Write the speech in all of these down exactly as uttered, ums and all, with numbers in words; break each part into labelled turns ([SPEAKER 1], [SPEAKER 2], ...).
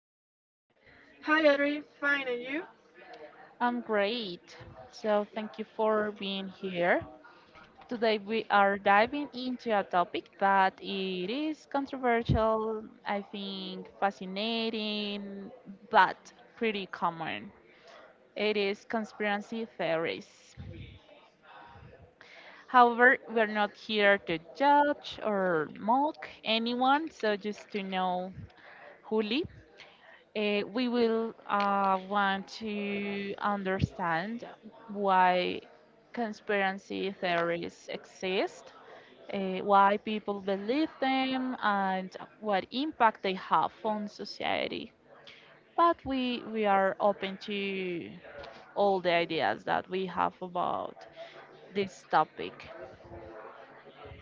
[SPEAKER 1] today?
[SPEAKER 2] Hi, Adri. Fine, and you?
[SPEAKER 1] I'm great. So, thank you for being here. Today, we are diving into a topic that it is controversial, I think fascinating, but pretty common. It is conspiracy theories. However, we're not here to judge or mock anyone, so just to know Juli. Uh, we will uh, want to understand why conspiracy theories exist, uh, why people believe them, and what impact they have on society. But we, we are open to all the ideas that we have about this topic.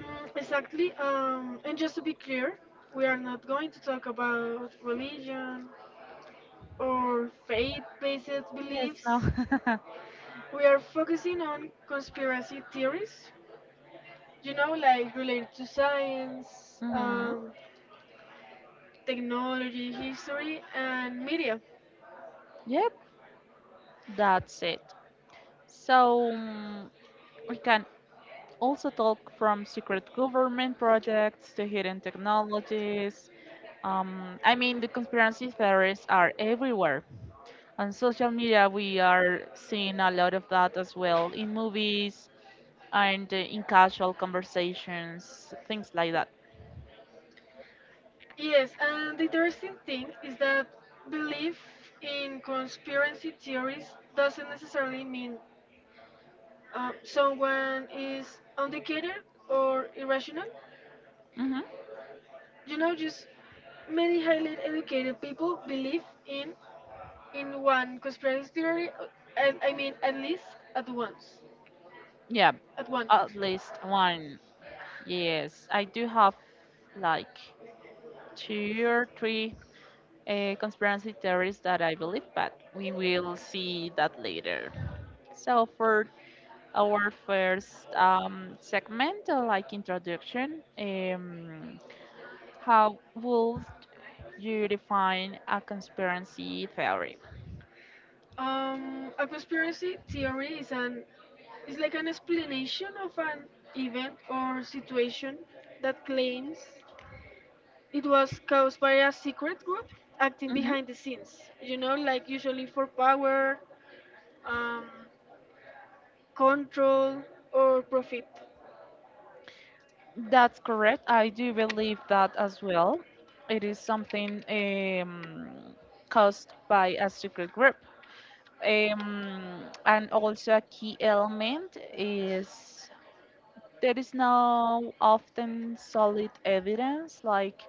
[SPEAKER 2] Mm, exactly. Um, and just to be clear, we are not going to talk about religion or faith based
[SPEAKER 1] Yes, no.
[SPEAKER 2] beliefs. We are focusing on conspiracy theories, you know, like related to science,
[SPEAKER 1] hmm
[SPEAKER 2] um, technology, history, and media.
[SPEAKER 1] Yep, that's it. So mm, we can also talk from secret government projects to hidden technologies. Um, I mean, the conspiracy theories are everywhere. On social media, we are seeing a lot of that as well, in movies and uh, in casual conversations, things like that.
[SPEAKER 2] Yes, and the interesting thing is that belief in conspiracy theories doesn't necessarily mean um, someone is uneducated or irrational.
[SPEAKER 1] Hmm
[SPEAKER 2] You know, just many highly educated people believe in in one conspiracy theory. uh, I, I mean, at least at once,
[SPEAKER 1] Yeah,
[SPEAKER 2] at one.
[SPEAKER 1] at least one. Yes, I do have like two or three uh, conspiracy theories that I believe, but we will see that later. So for our first um, segment, uh, like introduction. Um, how would you define a conspiracy theory?
[SPEAKER 2] Um, a conspiracy theory is an is like an explanation of an event or situation that claims it was caused by a secret group acting
[SPEAKER 1] Hmm
[SPEAKER 2] behind the scenes. You know, like usually for power. Um, control or profit.
[SPEAKER 1] That's correct. I do believe that as well. It is something um, caused by a secret group. Um, and also a key element is there is no often solid evidence, like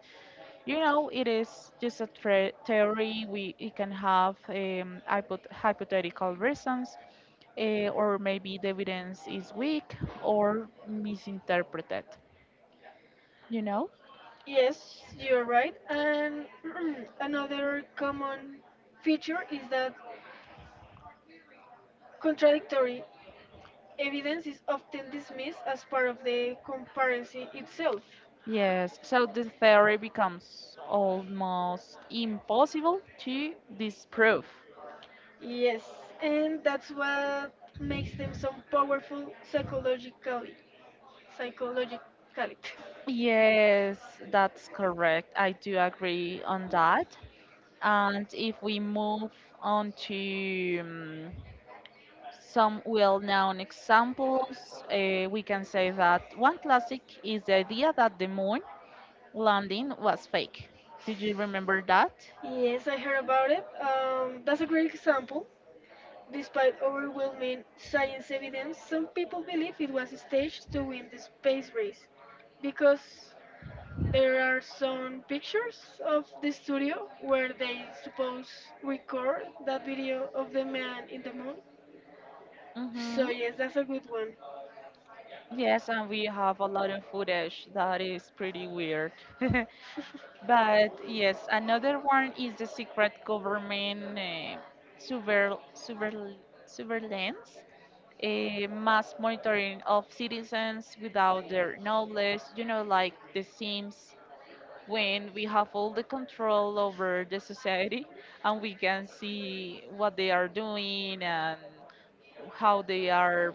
[SPEAKER 1] you know, it is just a tre- theory. We It can have um, hypo- hypothetical reasons, uh, or maybe the evidence is weak or misinterpreted. You know?
[SPEAKER 2] Yes, you're right. And another common feature is that contradictory evidence is often dismissed as part of the conspiracy itself.
[SPEAKER 1] Yes. So the theory becomes almost impossible to disprove.
[SPEAKER 2] Yes, and that's what makes them so powerful psychologically. Psychologically.
[SPEAKER 1] Yes, that's correct. I do agree on that. And if we move on to um, some well-known examples, uh, we can say that one classic is the idea that the moon landing was fake. Did you remember that?
[SPEAKER 2] Yes, I heard about it. Um, that's a great example. Despite overwhelming science evidence, some people believe it was staged to win the space race because there are some pictures of the studio where they suppose record that video of the man in the moon. So
[SPEAKER 1] Mm-hmm.
[SPEAKER 2] yes, that's a good one.
[SPEAKER 1] Yes, and we have a lot of footage that is pretty weird. But yes, another one is the secret government uh, super super surveillance, a mass monitoring of citizens without their knowledge. You know, like the Sims, when we have all the control over the society and we can see what they are doing and how they are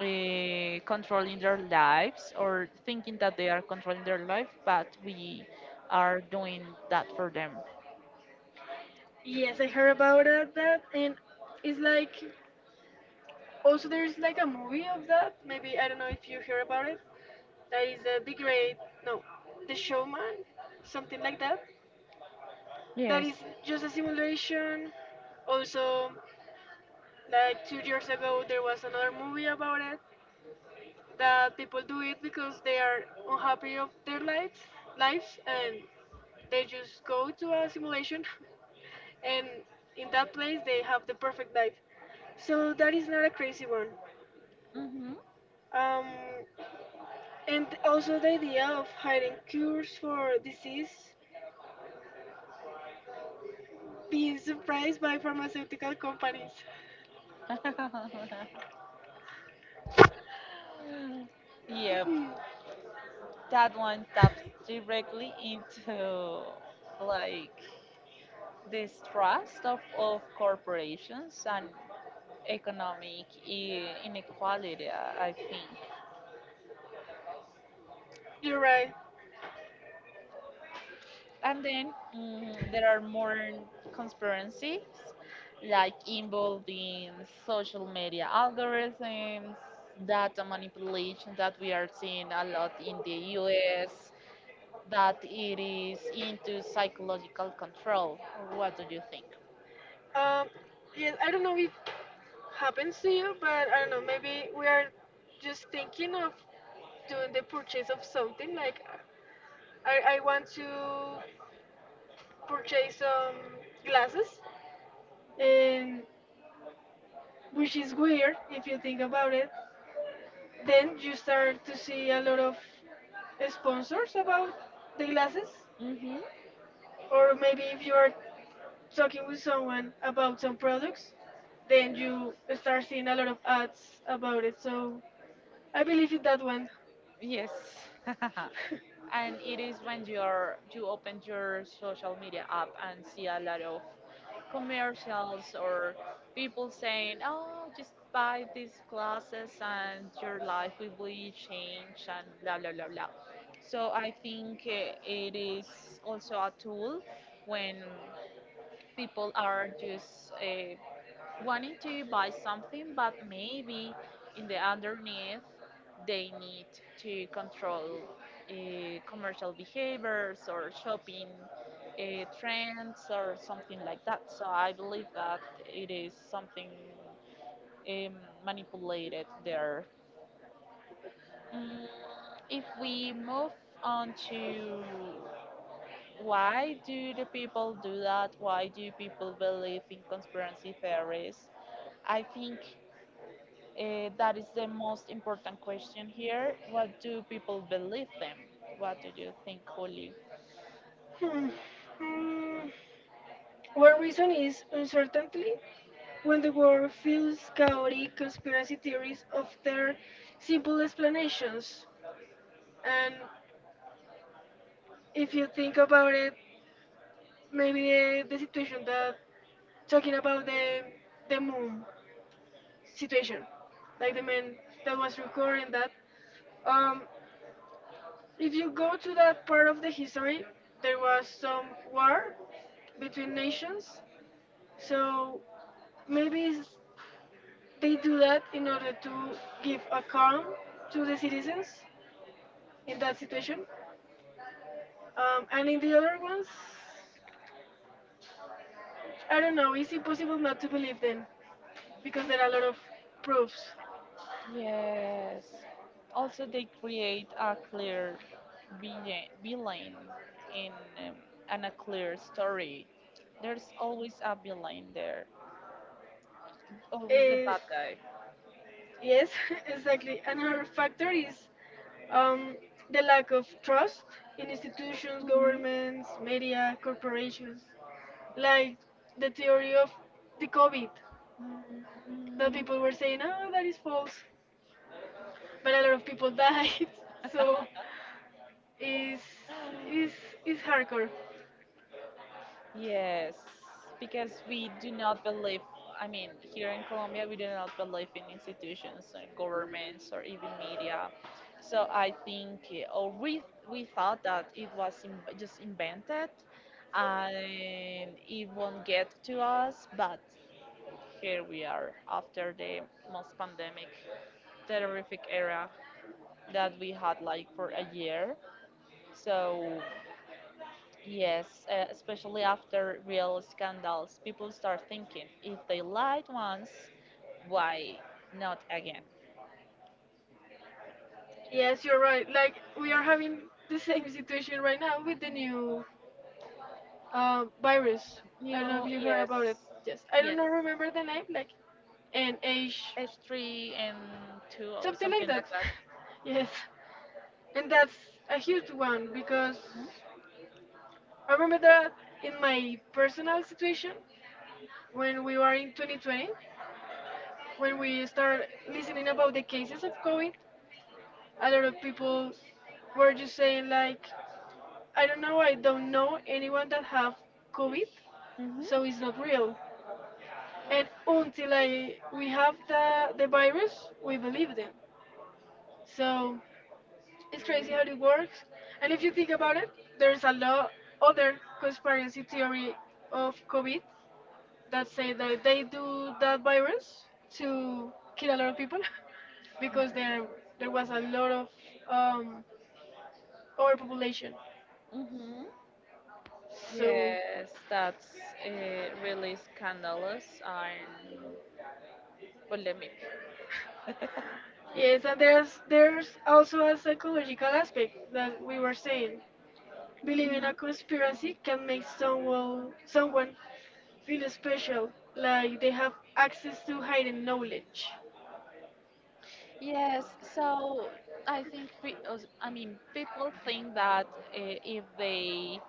[SPEAKER 1] uh, controlling their lives, or thinking that they are controlling their life, but we are doing that for them.
[SPEAKER 2] Yes, I heard about it, that and it's like also there's like a movie of that. Maybe I don't know if you hear about it. That is uh, the great no, the showman, something like that. That
[SPEAKER 1] Yes.
[SPEAKER 2] is just a simulation. Also, like two years ago, there was another movie about it that people do it because they are unhappy of their lives, lives, and they just go to a simulation, and in that place they have the perfect life. So that is not a crazy one.
[SPEAKER 1] hmm
[SPEAKER 2] Um, and also the idea of hiding cures for disease, being surprised by pharmaceutical companies.
[SPEAKER 1] Yep, that one taps directly into like distrust of, of corporations and economic i- inequality, I I think.
[SPEAKER 2] You're right.
[SPEAKER 1] And then mm, there are more conspiracies, like involving social media algorithms, data manipulation that we are seeing a lot in the U S, that it is into psychological control. What do you think?
[SPEAKER 2] Um, yes, I don't know if happens to you, but I don't know. Maybe we are just thinking of doing the purchase of something. Like, I, I want to purchase some glasses, and which is weird if you think about it. Then you start to see a lot of sponsors about the glasses,
[SPEAKER 1] Hmm
[SPEAKER 2] or maybe if you are talking with someone about some products, then you start seeing a lot of ads about it. So I believe in that one.
[SPEAKER 1] Yes. And it is when you are you open your social media app and see a lot of commercials or people saying, "Oh, just buy these glasses and your life will be changed," and blah blah blah blah. So I think uh, it is also a tool when people are just uh, wanting to buy something, but maybe in the underneath they need to control uh, commercial behaviors or shopping uh, trends or something like that. So I believe that it is something um, manipulated there. Mm, if we move on to why do the people do that? Why do people believe in conspiracy theories? I think Uh, that is the most important question here. What do people believe them? What do you think, Holly?
[SPEAKER 2] Hmm. Mm, one reason is uncertainty. When the world feels chaotic, conspiracy theories offer simple explanations. And if you think about it, maybe the, the situation that talking about the the moon situation, like the man that was recording that. Um, if you go to that part of the history, there was some war between nations. So maybe s- they do that in order to give a calm to the citizens in that situation. Um, and in the other ones, I don't know, it's impossible not to believe them because there are a lot of proofs.
[SPEAKER 1] Yes. Also, they create a clear vi- villain in um, and a clear story. There's always a villain there. Always the
[SPEAKER 2] Uh,
[SPEAKER 1] bad guy.
[SPEAKER 2] yes, exactly. Another factor is um, the lack of trust in institutions,
[SPEAKER 1] Mhm.
[SPEAKER 2] governments, media, corporations, like the theory of the COVID that
[SPEAKER 1] Mm.
[SPEAKER 2] people were saying, oh, that is false. But a lot of people died. So it's it's it's hardcore.
[SPEAKER 1] Yes, because we do not believe, I mean, here in Colombia, we do not believe in institutions and governments or even media. So I think, uh, or we, we thought that it was in, just invented, and it won't get to us, but here we are after the most pandemic, terrific era that we had like for a year. So yes, uh, especially after real scandals, people start thinking, if they lied once, why not again?
[SPEAKER 2] Yes, you're right. Like we are having the same situation right now with the new uh, virus. I don't know if
[SPEAKER 1] New,
[SPEAKER 2] you heard
[SPEAKER 1] yes,
[SPEAKER 2] about it. Yes, I don't
[SPEAKER 1] yes,
[SPEAKER 2] know, remember the name, like N H,
[SPEAKER 1] H three and two or
[SPEAKER 2] something like
[SPEAKER 1] something
[SPEAKER 2] that.
[SPEAKER 1] like that.
[SPEAKER 2] Yes, and that's a huge one because I remember that in my personal situation when we were in twenty twenty, when we started listening about the cases of COVID, a lot of people were just saying like i don't know I don't know anyone that have COVID,
[SPEAKER 1] Mhm.
[SPEAKER 2] so it's not real. And until I we have the the virus we believe them. So it's crazy how it works. And if you think about it, there's a lot other conspiracy theory of COVID that say that they do that virus to kill a lot of people because there there was a lot of um, overpopulation.
[SPEAKER 1] Mhm.
[SPEAKER 2] So
[SPEAKER 1] Yes, that's uh, really scandalous and polemic.
[SPEAKER 2] yes, and there's there's also a psychological aspect that we were saying. Believing
[SPEAKER 1] hmm
[SPEAKER 2] a conspiracy can make someone someone feel special, like they have access to hidden knowledge.
[SPEAKER 1] Yes, so I think pe- os- I mean people think that uh, if they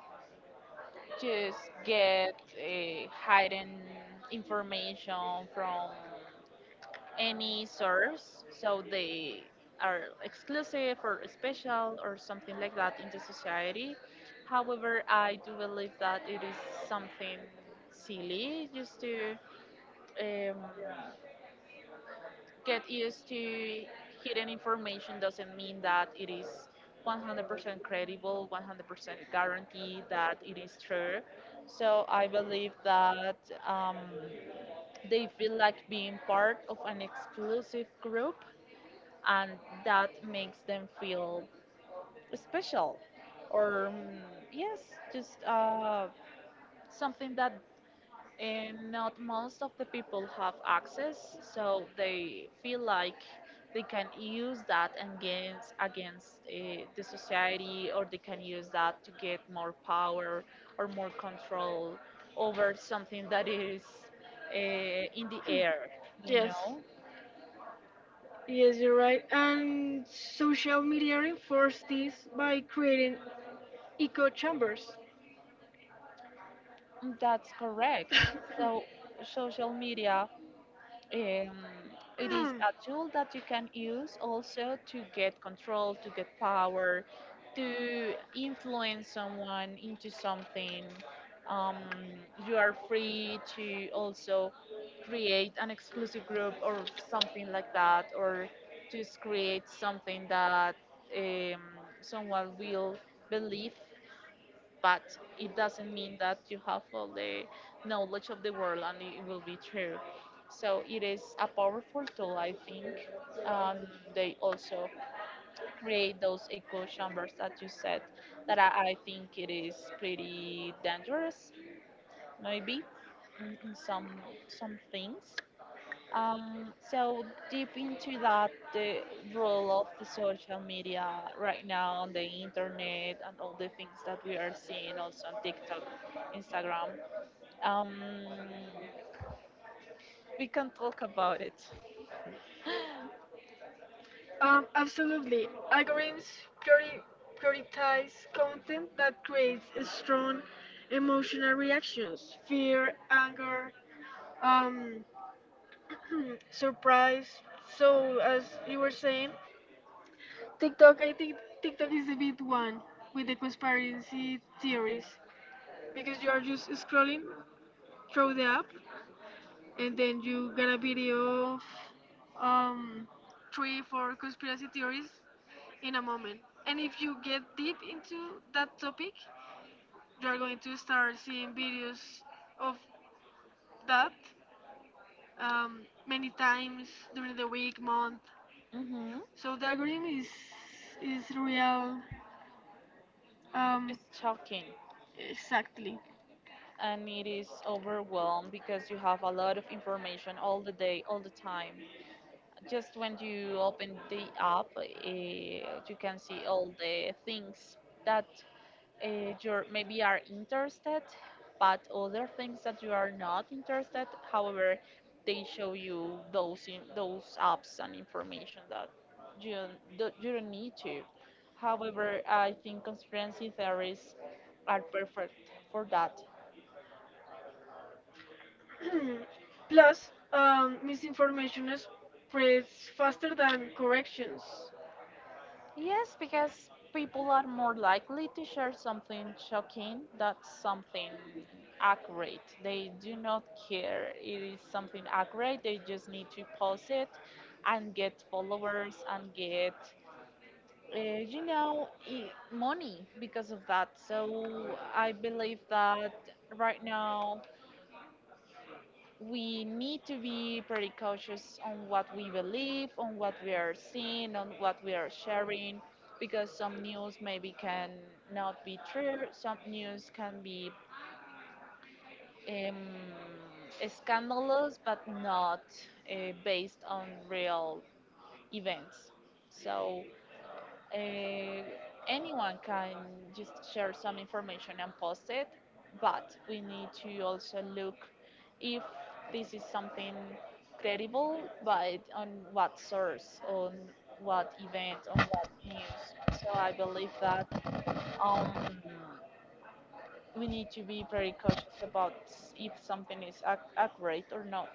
[SPEAKER 1] just get uh, hidden information from any source, so they are exclusive or special or something like that in the society. However, I do believe that it is something silly. Just to um, get used to hidden information doesn't mean that it is one hundred percent credible, one hundred percent guarantee that it is true. So I believe that um, they feel like being part of an exclusive group, and that makes them feel special, or um, yes, just uh, something that and not most of the people have access, so they feel like they can use that against against uh, the society, or they can use that to get more power or more control over something that is uh, in the air, you
[SPEAKER 2] Yes,
[SPEAKER 1] know.
[SPEAKER 2] yes, you're right. And social media reinforces this by creating echo chambers.
[SPEAKER 1] Mm, that's correct. So social media, um, it is a tool that you can use also to get control, to get power, to influence someone into something. Um, you are free to also create an exclusive group or something like that, or just create something that um, someone will believe, but it doesn't mean that you have all the knowledge of the world and it will be true. So it is a powerful tool, I think. Um, they also create those echo chambers that you said that I, I think it is pretty dangerous, maybe in, in some some things. Um, so deep into that, the role of the social media right now on the internet and all the things that we are seeing also on TikTok, Instagram. Um, we can talk about it.
[SPEAKER 2] Um, absolutely, algorithms priori- prioritize content that creates strong emotional reactions, fear, anger, um surprise. So as you were saying, TikTok, I think TikTok is the big one with the conspiracy theories because you are just scrolling through the app and then you get a video of um three four conspiracy theories in a moment. And if you get deep into that topic, you are going to start seeing videos of that, um, many times during the week month.
[SPEAKER 1] hmm
[SPEAKER 2] So diagram is is real, um,
[SPEAKER 1] It's shocking.
[SPEAKER 2] exactly.
[SPEAKER 1] And it is overwhelmed because you have a lot of information all the day, all the time. Just when you open the app, eh, you can see all the things that uh, you maybe are interested, but other things that you are not interested. However, they show you those in, those apps and information that you don't, you don't need to. However, I think conspiracy theories are perfect for that.
[SPEAKER 2] Plus, um, misinformation spreads faster than corrections.
[SPEAKER 1] Yes, because people are more likely to share something shocking that's something accurate. They do not care it is something accurate. They just need to post it and get followers and get, uh, you know, I money because of that. So I believe that right now we need to be pretty cautious on what we believe, on what we are seeing, on what we are sharing, because some news maybe can not be true, some news can be um, scandalous but not uh, based on real events. So uh, anyone can just share some information and post it, but we need to also look if this is something credible, but on what source, on what event, on what news. So I believe that um, we need to be very cautious about s- if something is ac- accurate or not.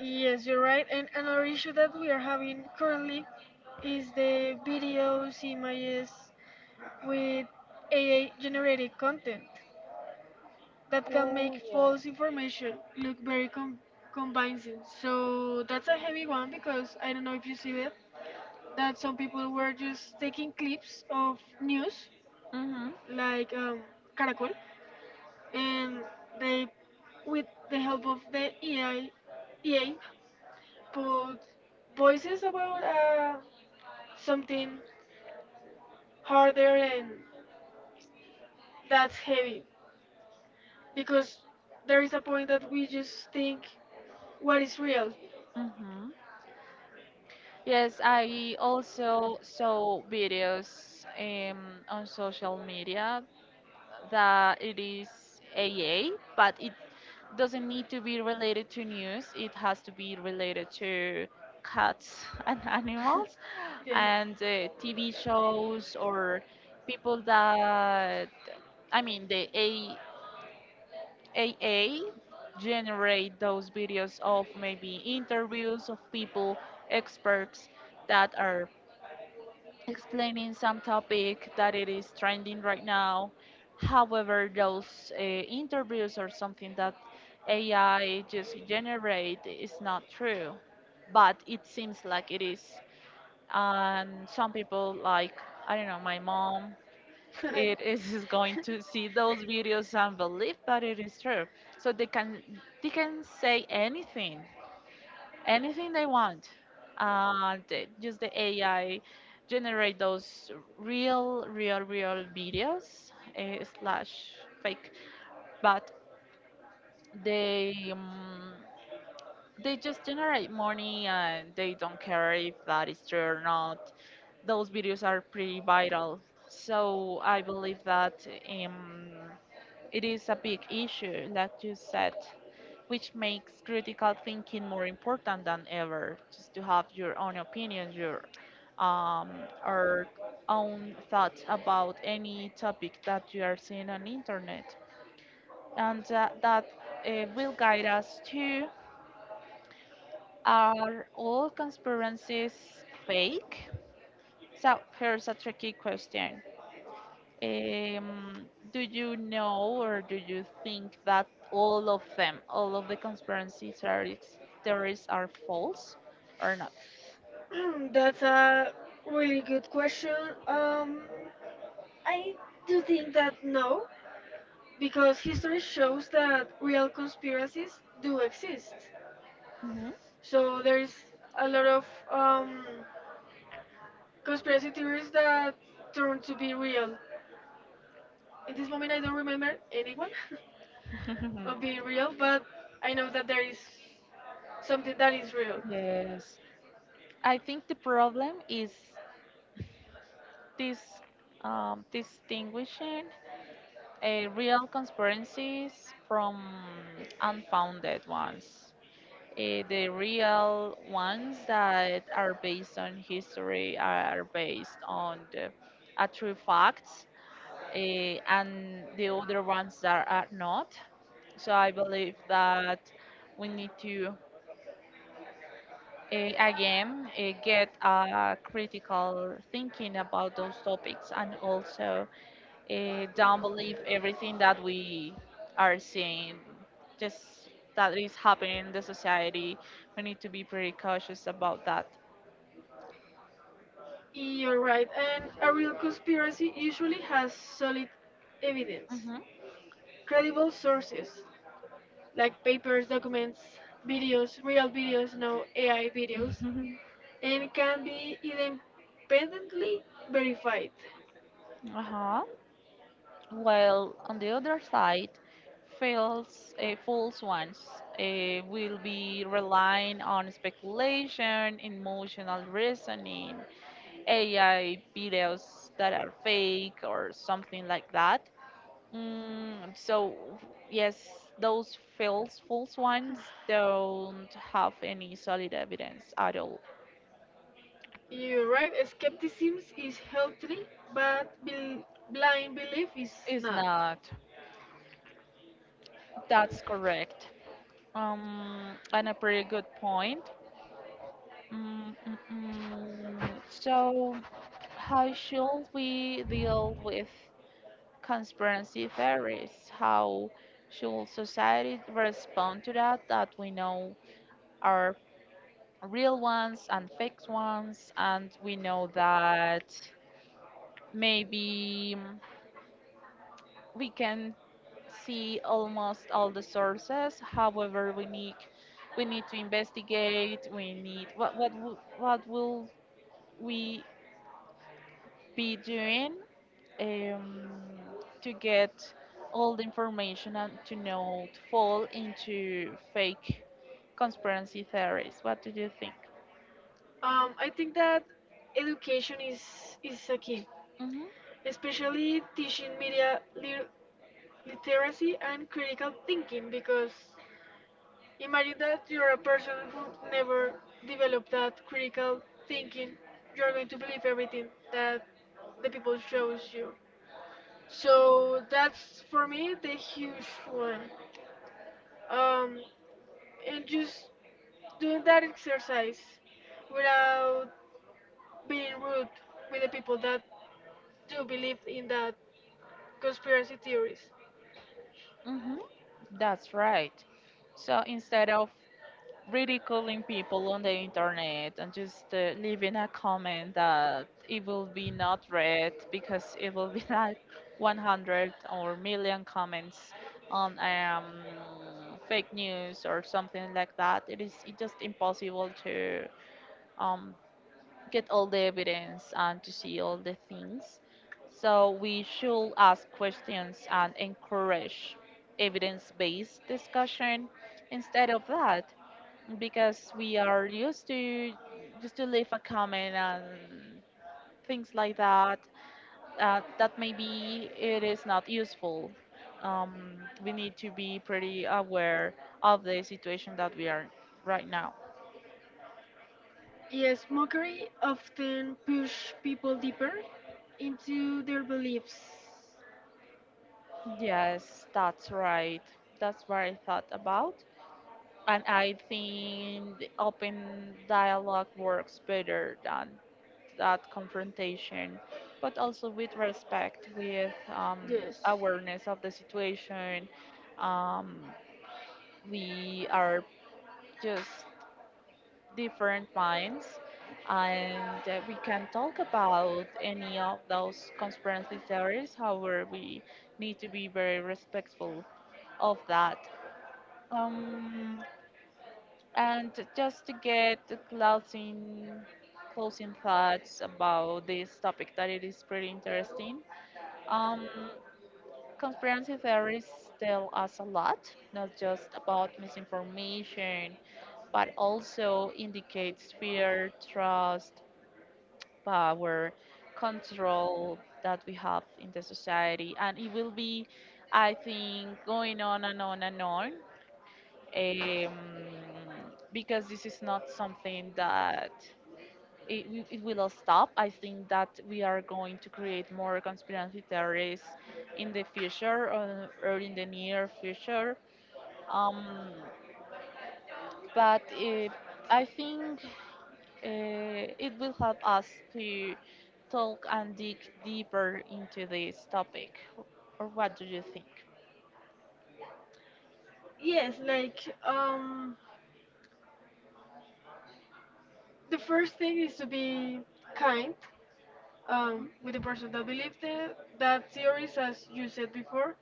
[SPEAKER 2] Yes, you're right. And another issue that we are having currently is the videos, images with A I generated content that can make
[SPEAKER 1] Oh yes.
[SPEAKER 2] false information look very com- convincing. So that's a heavy one because I don't know if you see it that some people were just taking clips of news
[SPEAKER 1] Mhm.
[SPEAKER 2] like um, Caracol and they with the help of the A I E A put voices about uh, something harder. And that's heavy because there is a point that we just think what is real.
[SPEAKER 1] Mhm. Yes, I also saw videos um, on social media that it is A A, but it doesn't need to be related to news. It has to be related to cats and animals
[SPEAKER 2] Yeah.
[SPEAKER 1] and uh, T V shows or people that, I mean, the A AA generate those videos of maybe interviews of people, experts that are explaining some topic that it is trending right now. However, those uh, interviews or something that A I just generate is not true, but it seems like it is. And some people, like I don't know, my mom, it is going to see those videos and believe that it is true. So they can they can say anything anything they want. Uh, they, just the A I generate those real, real, real videos, uh, slash fake, but they um, they just generate money and they don't care if that is true or not. Those videos are pretty viral, so I believe that um, it is a big issue that you said, which makes critical thinking more important than ever. Just to have your own opinion, your um, or own thoughts about any topic that you are seeing on internet, and uh, that uh, will guide us to: are all conspiracies fake? So here's a tricky question. Um, do you know, or do you think that all of them, all of the conspiracy theories, theories are false or not?
[SPEAKER 2] That's a really good question. um I do think that no, because history shows that real conspiracies do exist.
[SPEAKER 1] Hmm
[SPEAKER 2] So there's a lot of um, conspiracy theories that turn to be real. In this moment, I don't remember anyone of being real, but I know that there is something that is real.
[SPEAKER 1] Yes, I think the problem is this um, distinguishing uh, real conspiracies from unfounded ones. Uh, the real ones that are based on history are based on the, uh, true facts, eh, and the other ones that are not. So I believe that we need to eh, again eh, get a critical thinking about those topics, and also eh, don't believe everything that we are seeing just that is happening in the society. We need to be pretty cautious about that.
[SPEAKER 2] You're right, and a real conspiracy usually has solid evidence, credible sources like papers, documents, videos, real videos, no A I videos,
[SPEAKER 1] Mm-hmm.
[SPEAKER 2] and can be independently verified.
[SPEAKER 1] uh-huh. While on the other side, false, uh, false ones uh, will be relying on speculation, emotional reasoning, A I videos that are fake or something like that. Mm, so yes, those false false ones don't have any solid evidence at all.
[SPEAKER 2] You're right, skepticism is healthy, but bel- blind belief is
[SPEAKER 1] It's
[SPEAKER 2] not.
[SPEAKER 1] not. That's correct. Um, and a pretty good point. Mm, mm, mm. So, how should we deal with conspiracy theories? How should society respond to that? That we know are real ones and fake ones, and we know that maybe mm, we can see almost all the sources. However, we need we need to investigate. We need what what wo- what will we be doing um, to get all the information and to not fall into fake conspiracy theories. What do you think?
[SPEAKER 2] Um, I think that education is, is a key,
[SPEAKER 1] Mm-hmm,
[SPEAKER 2] especially teaching media lit- literacy and critical thinking, because imagine that you're a person who never developed that critical thinking, you're going to believe everything that the people shows you. So that's for me the huge one. Um, and just doing that exercise without being rude with the people that do believe in that conspiracy theories.
[SPEAKER 1] mm-hmm. That's right. So instead of ridiculing people on the internet and just uh, leaving a comment that it will be not read because it will be like one hundred or million comments on um, fake news or something like that. It is it just impossible to um, get all the evidence and to see all the things. So we should ask questions and encourage evidence-based discussion instead of that because we are used to just to leave a comment and things like that uh, that maybe it is not useful. um, we need to be pretty aware of the situation that we are right now.
[SPEAKER 2] Yes, mockery often push people deeper into their beliefs.
[SPEAKER 1] Yes, that's right. That's what I thought about, and I think the open dialogue works better than that confrontation, but also with respect, with um,
[SPEAKER 2] Yes.
[SPEAKER 1] awareness of the situation. Um, we are just different minds, and uh, we can talk about any of those conspiracy theories. However, we need to be very respectful of that. Um, and just to get the closing closing thoughts about this topic that it is pretty interesting. Um, Conspiracy theories tell us a lot, not just about misinformation, but also indicates fear, trust, power, control that we have in the society. And it will be, I think, going on and on and on, um, because this is not something that it, we- it will stop. I think that we are going to create more conspiracy theories in the future uh, or in the near future. Um, but uh I think uh, it will help us to talk and dig deeper into this topic. Or what do you think?
[SPEAKER 2] Yes, like um, the first thing is to be kind um, with the person that believes the, that theories, as you said before.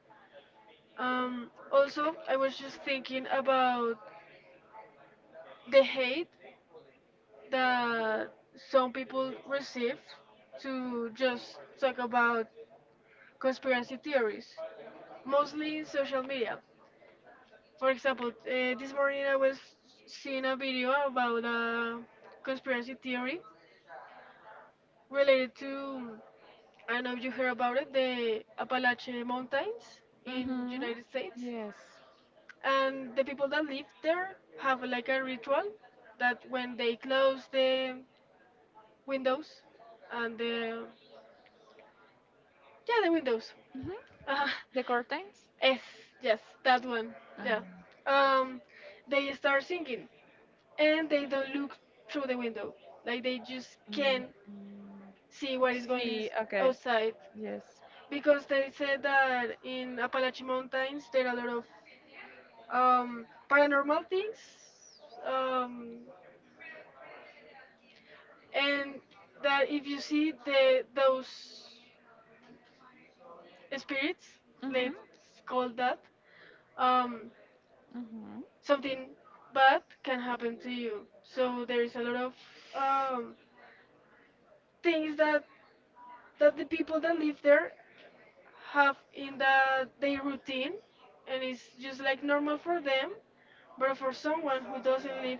[SPEAKER 2] Um, also, I was just thinking about the hate that some people receive to just talk about conspiracy theories, mostly in social media. For example, uh, this morning I was seeing a video about a conspiracy theory related to I don't know if you heard about it, the Appalachian Mountains in
[SPEAKER 1] Mm-hmm.
[SPEAKER 2] United States.
[SPEAKER 1] Yes.
[SPEAKER 2] And the people that live there have like a ritual that when they close the windows and the yeah the windows
[SPEAKER 1] Mm-hmm.
[SPEAKER 2] uh,
[SPEAKER 1] The curtains?
[SPEAKER 2] yes, yes, that one. Yeah.
[SPEAKER 1] Um,
[SPEAKER 2] um they start singing and they don't look through the window, like they just
[SPEAKER 1] mm,
[SPEAKER 2] can't see what is going is
[SPEAKER 1] see, okay.
[SPEAKER 2] outside
[SPEAKER 1] Yes.
[SPEAKER 2] because they said that in Appalachian Mountains there are a lot of um, paranormal things. Um, and that if you see the those spirits, let's
[SPEAKER 1] Mhm.
[SPEAKER 2] call that, um,
[SPEAKER 1] Mhm.
[SPEAKER 2] something bad can happen to you. So there is a lot of um, things that that the people that live there have in the their routine, and it's just like normal for them. But for someone who doesn't live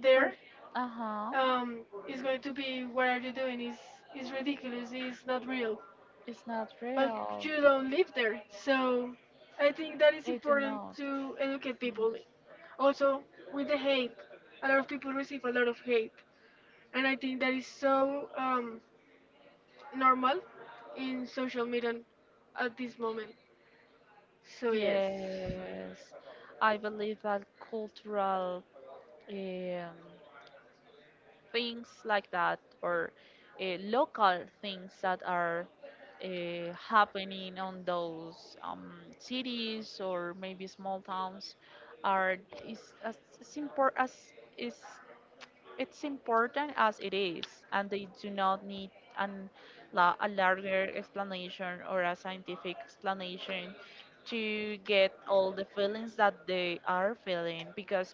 [SPEAKER 2] there,
[SPEAKER 1] First, uh huh.
[SPEAKER 2] um, it's going to be what are you doing? Is is ridiculous? Is not real?
[SPEAKER 1] It's not
[SPEAKER 2] But
[SPEAKER 1] real.
[SPEAKER 2] you don't live there. So I think that is
[SPEAKER 1] They do
[SPEAKER 2] important
[SPEAKER 1] not.
[SPEAKER 2] to educate
[SPEAKER 1] No.
[SPEAKER 2] people. Also, with the hate, a lot of people receive a lot of hate, and I think that is so um, normal in social media at this moment. So yes.
[SPEAKER 1] Yes, I believe that cultural um, things like that, or uh, local things that are uh, happening on those um, cities or maybe small towns are is as, as important as is. It's important as it is, and they do not need an, la- a larger explanation or a scientific explanation to get all the feelings that they are feeling because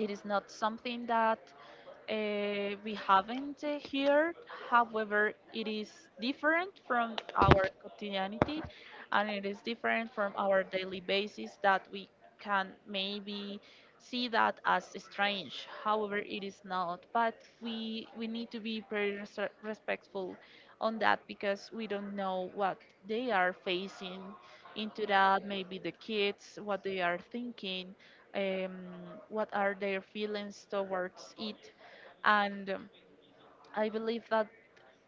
[SPEAKER 1] it is not something that uh, we haven't uh, here. However, it is different from our quotidianity, and it is different from our daily basis that we can maybe see that as strange. However, it is not. But we we need to be very res- respectful on that because we don't know what they are facing into that. Maybe the kids, what they are thinking, um, what are their feelings towards it. And um, I believe that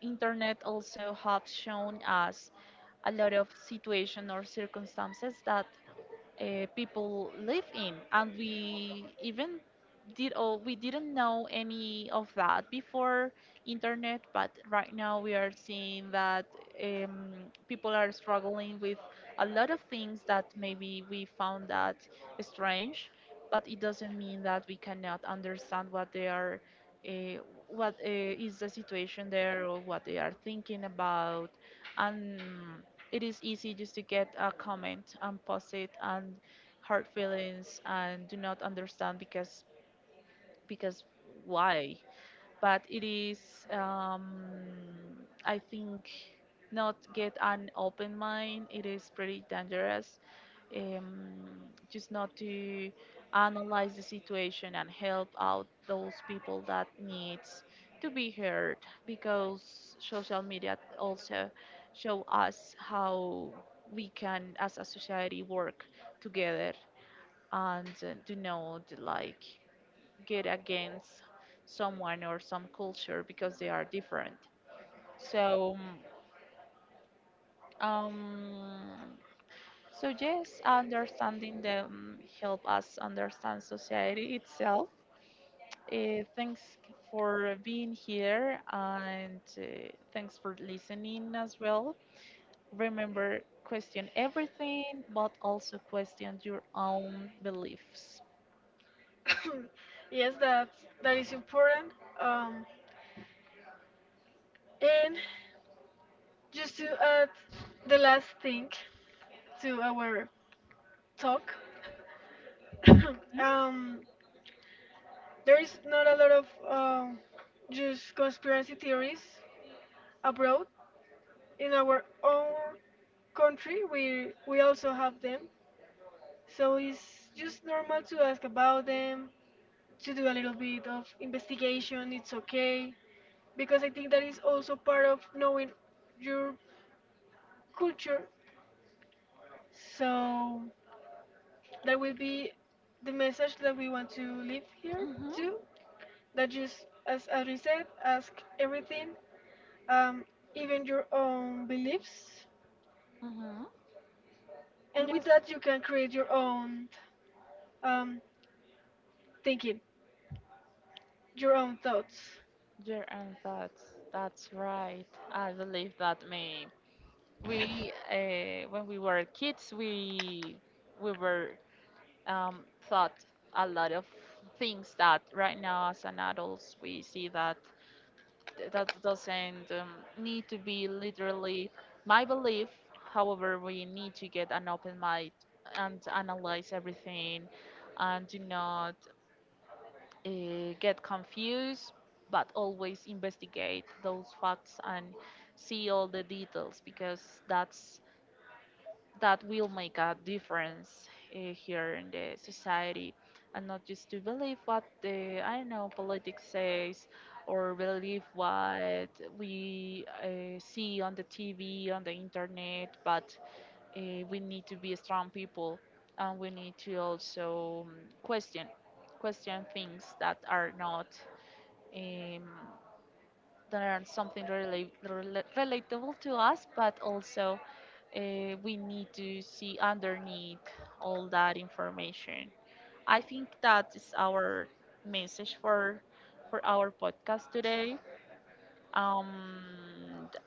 [SPEAKER 1] internet also have shown us a lot of situation or circumstances that uh, people live in, and we even did. Oh, we didn't know any of that before internet, but right now we are seeing that um, people are struggling with a lot of things that maybe we found that strange, but it doesn't mean that we cannot understand what they are, uh, what uh, is the situation there or what they are thinking about. And it is easy just to get a comment and post it and hurt feelings and do not understand because because why. But it is, um, I think, not get an open mind. It is pretty dangerous. Um, just not to analyze the situation and help out those people that needs to be heard because social media also show us how we can as a society work together and uh, to know the like get against someone or some culture because they are different. So, um, so yes, understanding them help us understand society itself. Uh, thanks for being here, and uh, thanks for listening as well. Remember, question everything, but also question your own beliefs.
[SPEAKER 2] Yes, that that is important. Um, and just to add the last thing to our talk, um, there's not a lot of um, just conspiracy theories abroad. In our own country, we we also have them. So it's just normal to ask about them, to do a little bit of investigation. It's okay because I think that is also part of knowing your culture. So that will be the message that we want to leave here
[SPEAKER 1] Mm-hmm.
[SPEAKER 2] too. That just as as we said, ask everything, um, even your own beliefs.
[SPEAKER 1] Mm-hmm.
[SPEAKER 2] And with that, you can create your own um, thinking, your own thoughts.
[SPEAKER 1] Yeah, and that's that's right. I believe that me. We, uh, when we were kids, we we were um, thought a lot of things that right now as an adults we see that th- that doesn't um, need to be literally my belief. However, we need to get an open mind and analyze everything, and do not uh, get confused, but always investigate those facts and see all the details because that's that will make a difference uh, here in the society, and not just to believe what the I don't know politics says or believe what we uh, see on the T V on the internet, but uh, we need to be strong people, and we need to also um, question question things that are not um, that are something rela- rela- relatable to us, but also uh, we need to see underneath all that information. I think that is our message for for our podcast today. Um,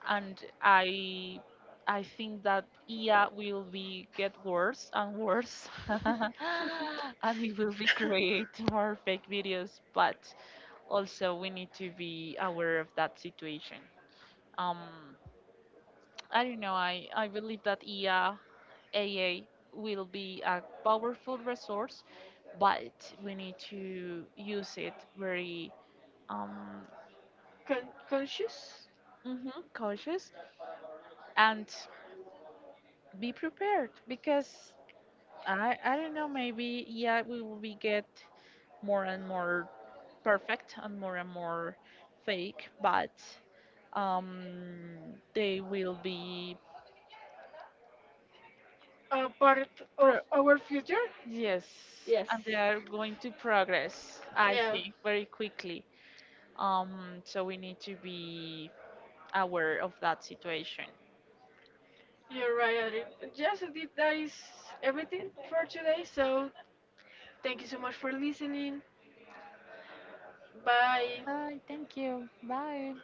[SPEAKER 1] and I I think that I A will be get worse and worse, and it will be create more fake videos, but also we need to be aware of that situation. Um, I don't know. I, I believe that E A A A will be a powerful resource, but we need to use it very um,
[SPEAKER 2] Con- conscious,
[SPEAKER 1] hmm cautious and be prepared because I I don't know. Maybe yeah, we will be get more and more perfect and more and more fake, but um, they will be.
[SPEAKER 2] a part of
[SPEAKER 1] Pro
[SPEAKER 2] our future.
[SPEAKER 1] Yes,
[SPEAKER 2] Yes.
[SPEAKER 1] and they are going to progress, I
[SPEAKER 2] Yeah.
[SPEAKER 1] think, very quickly. Um, so we need to be aware of that situation.
[SPEAKER 2] You're right, Adrian. Yes, indeed, that is everything for today. So thank you so much for listening. Bye.
[SPEAKER 1] Hi, thank you. Bye.